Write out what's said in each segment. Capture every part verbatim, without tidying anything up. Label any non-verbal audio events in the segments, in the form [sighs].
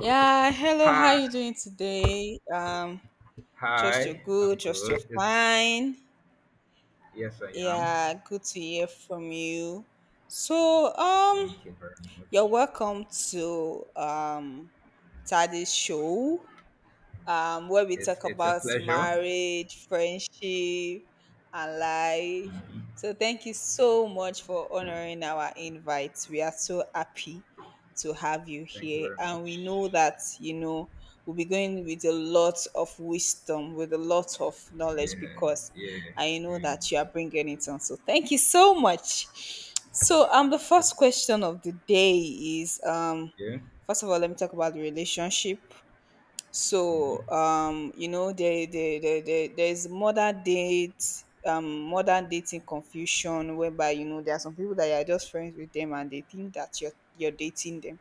Yeah, hello, how Hi, you doing today? Um, just you're hi. I'm good, just you're good. It's fine. yes, I am. Yeah, good to hear from you. So, um, Thank you very much. you're welcome to um Tadi's show. um, where we It's talk it's a about pleasure. marriage, friendship, and life. So, thank you so much for honoring our invite. We are so happy to have you Thank you here, very and we much. know that you know we'll be going with a lot of wisdom, with a lot of knowledge, Yeah, because yeah, I know yeah, that you are bringing it on. So, thank you so much. So, um, the The- first question of the day is, um, yeah, first of all, let me talk about the relationship. So, mhm. um you know there, there, there, there there's modern date um modern dating confusion, whereby you know there are some people that you are just friends with them and they think that you're you're dating them.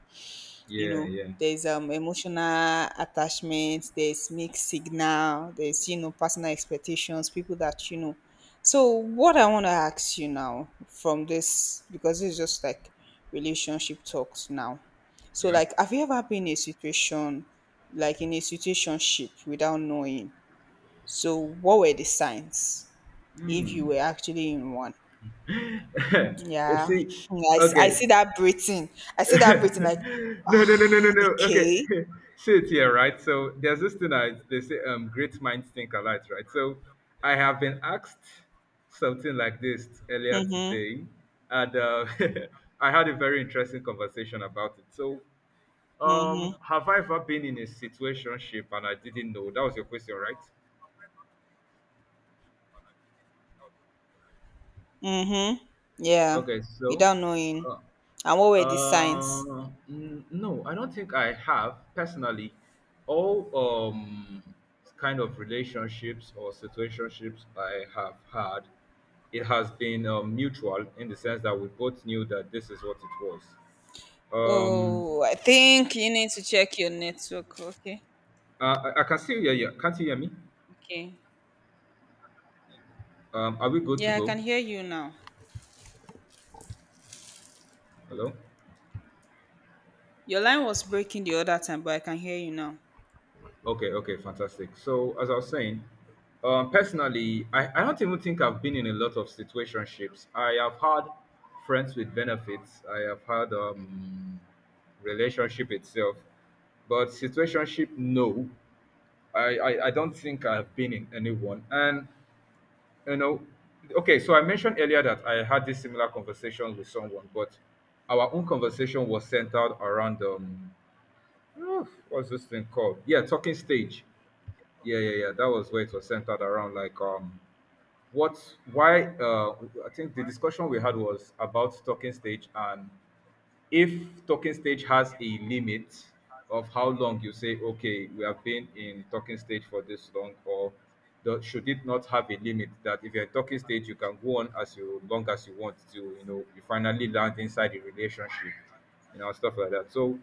You yeah, know, yeah, there's um emotional attachment, there's mixed signal, there's you know personal expectations, people that you know. So what I want to ask you now from this, because it's just like relationship talks now, so, yeah. like, have you ever been in a situation, like in a situationship without knowing? So what were the signs if you Hmm. were actually in one? [laughs] you Yeah, see, [laughs] I, s- I okay. see that breathing. I [laughs] see No, that breathing, like, no, no, no, ah no, no. Okay, okay. [laughs] sit here, right? So there's this thing I they say, um, great minds think alike, right? So I have been asked something like this earlier Mhm. today, and uh, [laughs] I had a very interesting conversation about it. So, Mhm. um, have I ever been in a situationship and I didn't know? That was your question, right? Mhm. Yeah. Okay, so. Without knowing. uh, And what were the signs? Uh, n- no, I don't think I have personally. All um kind of relationships or situationships I have had, it has been um, mutual in the sense that we both knew that this is what it was. Um, Oh, I think you need to check your network. Okay. I, I, I can still hear you. Can't you hear me? Okay. Um, are we good to Yeah, I go? can hear you now. Hello. Your line was breaking the other time, but I can hear you now. Okay, okay, fantastic. So, as I was saying, um, personally, I, I don't even think I've been in a lot of situationships. I have had friends with benefits. I have had um, relationship itself, but situationship, no. I, I, I don't think I've been in any one. And you know, okay. So I mentioned earlier that I had this similar conversation with someone, but our own conversation was centered around um, [sighs] what's this thing called? Yeah, talking stage yeah, yeah, yeah. That was where it was centered around. Like, um, what, why, uh, I think the discussion we had was about talking stage and if talking stage has a limit of how long you say okay we have been in talking stage for this long or do- should it not have a limit that if you're in talking stage you can go on as you long as you want to, you know, you finally land inside the relationship, you know, stuff like that. So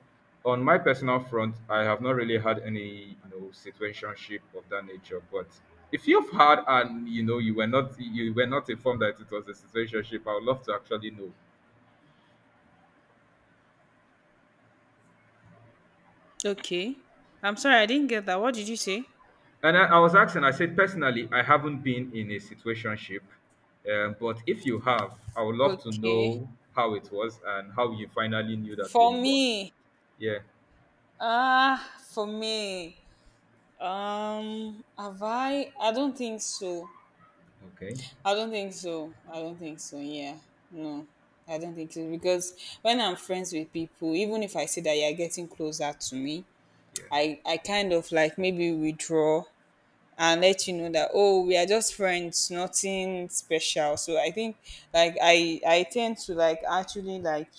on my personal front I have not really had any, you know, situationship of that nature. But if you've had and you know you were not you were not informed that it was a situationship, I would love to actually know. Okay. I'm sorry, I didn't get that. What did you say? And I, I was asking, I said, personally, I haven't been in a situationship, um, but if you have, I would love to Okay. know how it was and how you finally knew that you were For in one. me, Yeah. ah, for me, um, have I? I don't think so. Okay. I don't think so. I don't think so. Yeah. No. I don't think so, because when I'm friends with people, even if I see that you're getting closer to me, Yeah. I I kind of, like, maybe withdraw and let you know that, oh, we are just friends, nothing special. So I think, like, I I tend to, like, actually, like,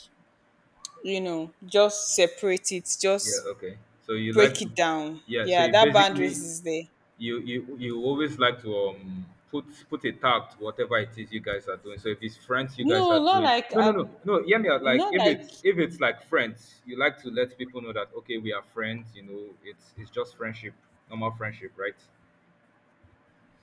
you know just separate it, Yeah. just Okay. So you like break to, it down. yeah. So Yeah, you that boundaries basically, is there. you you you always like to um put put a tag to whatever it is you guys are doing. So if it's friends you guys are No, not doing, like no I, no no no, hear me out. Like not if like it's if it's like friends, you like to let people know that okay we are friends. You know, it's it's just friendship, normal friendship, right?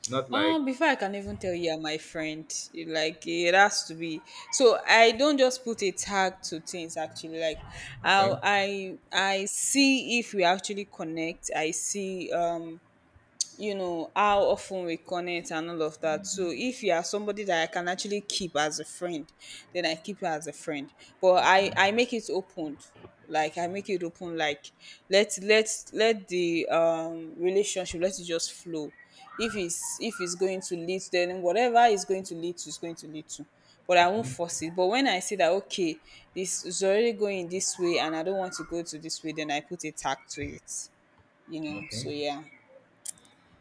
Not Um, like before I can even tell you are my friend, you- like, it has to be. So I don't just put a tag to things. Actually, like, I okay, I I see if we actually connect. I see. Um, you know how often we connect and all of that. So if you are somebody that I can actually keep as a friend, then I keep you as a friend. But i i make it open, like, i make it open like let let let the um relationship, let it just flow. If it's if it's going to lead, then whatever is going to lead to is going to lead to. But I won't mhm, force it. But when I see that, okay, this is already going this way and I don't want to go to this way, then I put a tag to it, you know okay. so yeah.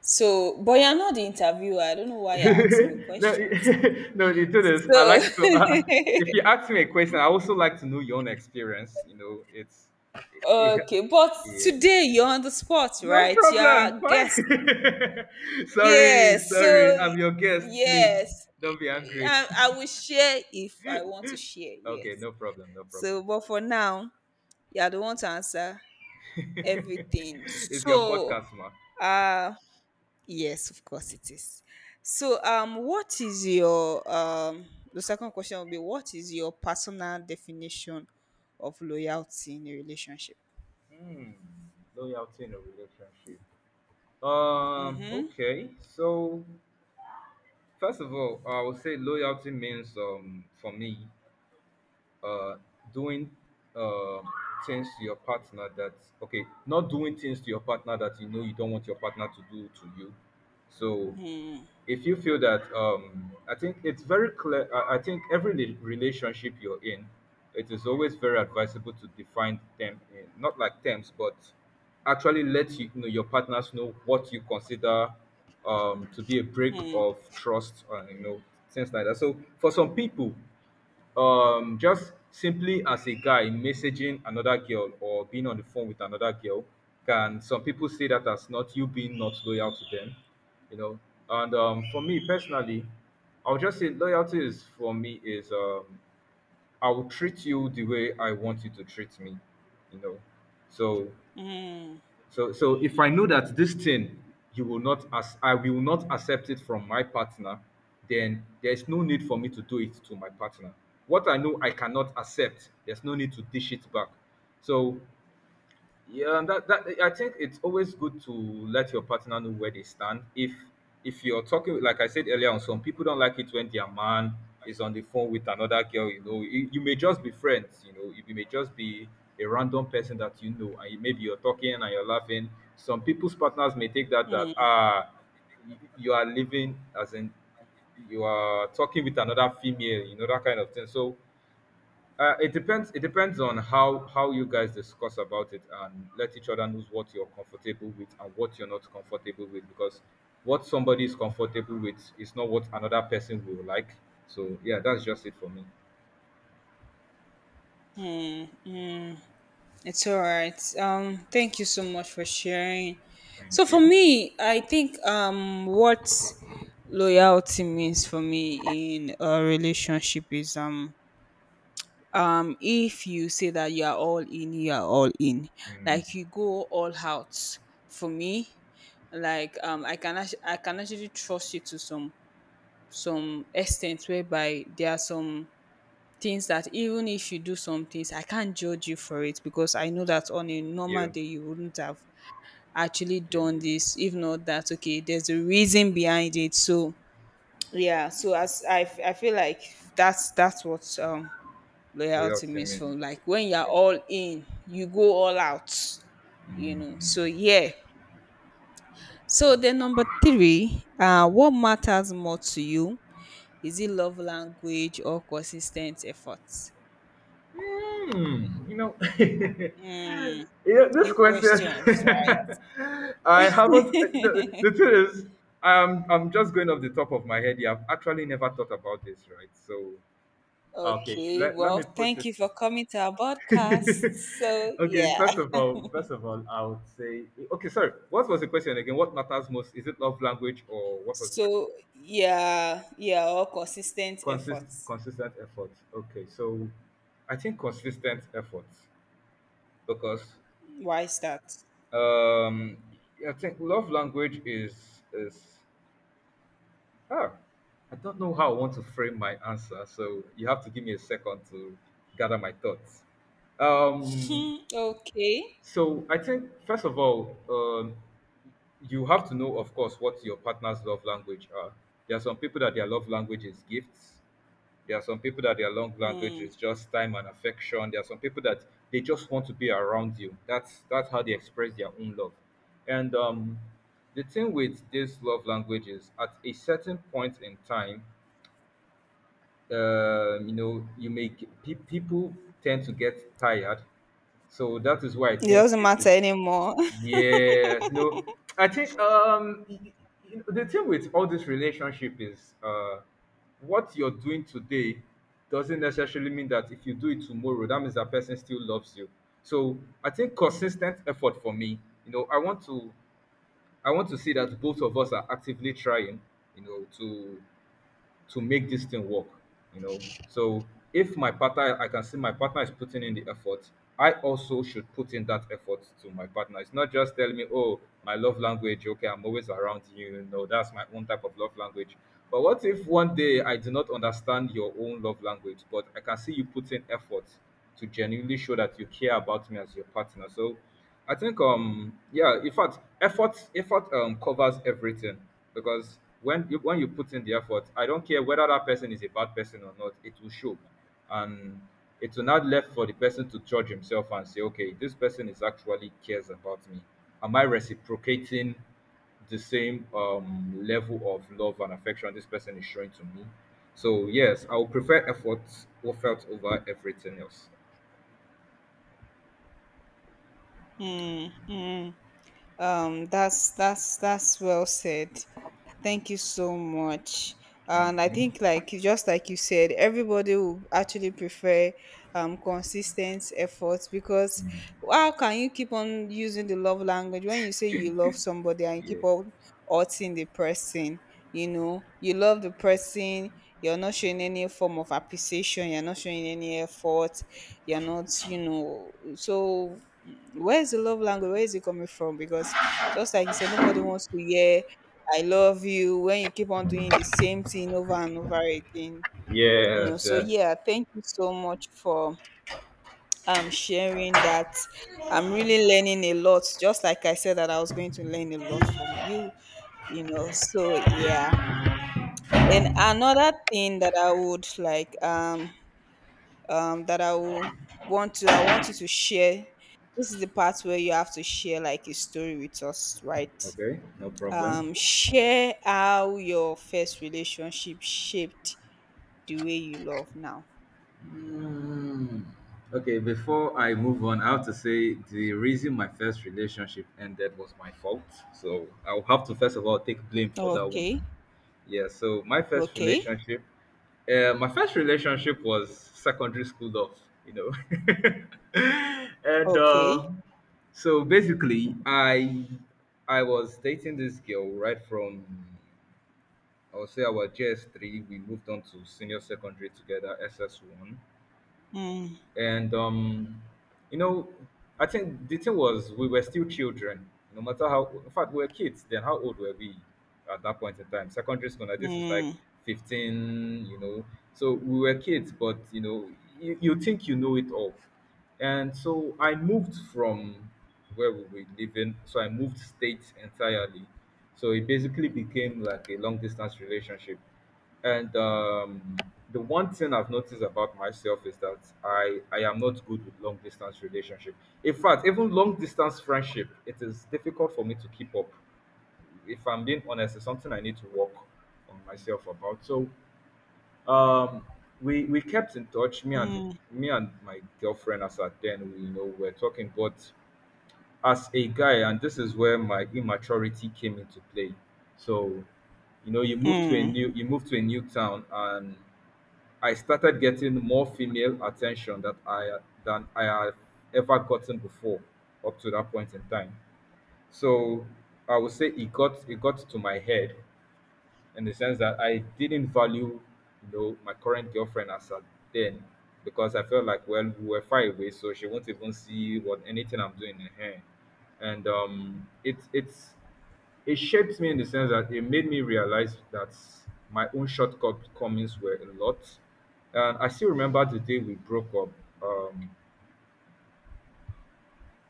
So, but you're not the interviewer. I don't know why you're asking me [laughs] No, questions. [laughs] no, you do this. I like So, to. Uh, if you ask me a question, I also like to know your own experience. You know, it's. [laughs] [laughs] okay, but Yeah. today you're on the spot, No right? You're problem. a guest. Fine. [laughs] Sorry, Yes. So, sorry. I'm your guest. Please yes, don't be angry. I, I [laughs] will share if I want to share. Yes. Okay, no problem. No So, problem. but for now, you're the one to answer everything. [laughs] It's So, your podcast, ma. uh, yes, of course it is. So, um, what is your um? The second question will be, what is your personal definition of loyalty in a relationship? Hmm. Loyalty in a relationship. Um. Okay. So first of all, I would say loyalty means um for me uh doing uh things to your partner that okay, not doing things to your partner that you know you don't want your partner to do to you. So if you feel that um I think it's very clear. i I think every rela- relationship you're in, it is always very advisable to define them in, not like terms, but actually let you, you know, your partners know what you consider um to be a break Hmm. of trust, and you know, things like that. So for some people, um just simply as a guy messaging another girl or being on the phone with another girl, can some people see that as not you being not loyal to them, you know. And um, for me personally, I'll just say loyalty is for me is, um, I will treat you the way I want you to treat me, you know. So mm. so, so if I know that this thing you will not as I will not accept it from my partner, then there's no need for me to do it to my partner. What I know I cannot accept, there's no need to dish it back. So yeah, and that, that I think it's always good to let your partner know where they stand. If if you're talking, like I said earlier on, some people don't like it when their man is on the phone with another girl. You know, you, you may just be friends. You know, you may just be a random person that you know, and you- maybe you're talking and you're laughing. Some people's partners may take that that ah, you you are living, as in you are talking with another female. You know that kind of thing. So uh, it depends. It depends on how how you guys discuss about it and let each other knows what you're comfortable with and what you're not comfortable with, because what somebody is comfortable with is not what another person will like. So yeah, that's just it for me. It's all right. Um, thank you so much for sharing. Thank So for you. me, I think, um what loyalty means for me in a relationship is, um um if you say that you are all in, you are all in, Mm, like, you go all out. For me, like, um i can actu- i can actually trust you to some some extent, whereby there are some things that even if you do some things, I can't judge you for it, because I know that on a normal you. day you wouldn't have actually Yeah. done You. this, if not that, okay, there's a reason behind it. So yeah. So as i, f- I feel like that's that's what um Loyalty Without means. saying From like, when you're yeah. all in, you go all out, you know. So, yeah. So then, number three, uh, what matters more to you? Is it love language or consistent efforts? Hmm, you know, [laughs] yeah, this Deep question, questions, right? [laughs] I haven't. The, the thing is, I'm I'm just going off the top of my head here. I've actually never thought about this, right? So, okay, Okay, let, let well, me put thank it. you for coming to our podcast. [laughs] So, Okay, yeah. first [laughs] of all, first of all, I would say, okay, sorry. What was the question again? What matters most? Is it love language or what was the second? So, yeah, yeah, all consistent Consist efforts. Consistent effort. Okay, so I think consistent effort because Why is that? Um, I think love language is is ah, I don't know how I want to frame my answer, so you have to give me a second to gather my thoughts. Um, Mm, okay. so I think first of all, um, you have to know, of course, what your partner's love language are. There are some people that their love language is gifts. There are some people that their long language is just time and affection. There are some people that they just want to be around you. That's that's how they express their own love. And um, the thing with this love language is at a certain point in time, um, you know, you make pe- people tend to get tired. So that is why I It think doesn't it, matter anymore. yes, no, I think um y- y- y- the thing with all this relationship is uh what you're doing today doesn't necessarily mean that if you do it tomorrow, that means that person still loves you. So I think consistent effort for me, you know, I want to I want to see that both of us are actively trying, you know, to to make this thing work, you know. So if my partner, I can see my partner is putting in the effort, I also should put in that effort to my partner. It's not just telling me, oh, my love language, okay, I'm always around you, you know, that's my own type of love language. But what if one day I do not understand your own love language, but I can see you put in effort to genuinely show that you care about me as your partner? So I think um, yeah, in fact, effort effort um covers everything. Because when you, when you put in the effort, I don't care whether that person is a bad person or not, it will show. And it will not left for the person to judge himself and say, okay, this person is actually cares about me. Am I reciprocating the same um, level of love and affection this person is showing to me? So yes, I would prefer effort or felt over everything else. [laughs] Mm, mm. Um, that's that's that's well said. Thank you so much. Thank And I you. think, like, you- just like you said, everybody will actually prefer um consistent efforts, because how can you keep on using the love language when you say you love somebody and you Yeah. keep on hurting the person? You know, you love the person. You're not showing any form of appreciation. You're not showing any effort. You're not, you know. So where is the love language? Where is it coming from? Because just like you said, nobody wants to hear "I love you" when you keep on doing the same thing over and over again. You know. Yes. So Yeah. yeah, thank you so much for um sharing that. I'm really learning a lot, just like I said that I was going to learn a lot from you. You know. So yeah. Then another thing that I would like, um um, that I will want to I want you to share. This is the part where you have to share, like, a story with us, right? Okay. No problem. Um, share how your first relationship shaped the way you love now. Mm. Okay, before I move on, I have to say the reason my first relationship ended was my fault. So I'll have to first of all take blame for that one. Okay, Yeah, so my first okay, relationship, uh, my first relationship was secondary school love, you know. [laughs] And uh, okay. so basically, I I was dating this girl right from I would say our G S three. We moved on to senior secondary together, S S one, Mm, and um, you know, I think the thing was we were still children. No matter how, in fact, we were kids then. How old were we at that point in time? Secondary school. Now this is like mm, fifteen. You know, so we were kids, but you know, you, you think you know it all. And so I moved from where we were living. So I moved states entirely. So it basically became like a long distance relationship. And um, the one thing I've noticed about myself is that I, I am not good with long distance relationship. In fact, even long distance friendship, it is difficult for me to keep up. If I'm being honest, it's something I need to work on myself about. So um, we we kept in touch. Me and the, mm, me and my girlfriend as at then, we, you know, we're talking. But as a guy, and this is where my immaturity came into play. So you know you move to a mm. new you move to a new town, and I started getting more female attention that I than I had ever gotten before up to that point in time. So I would say it got it got to my head in the sense that I didn't value, you know, my current girlfriend as at then, because I felt like, well, we were far away, so she won't even see what anything I'm doing in her. And um, it's it's it shaped me in the sense that it made me realize that my own shortcomings were a lot. And I still remember the day we broke up. Um,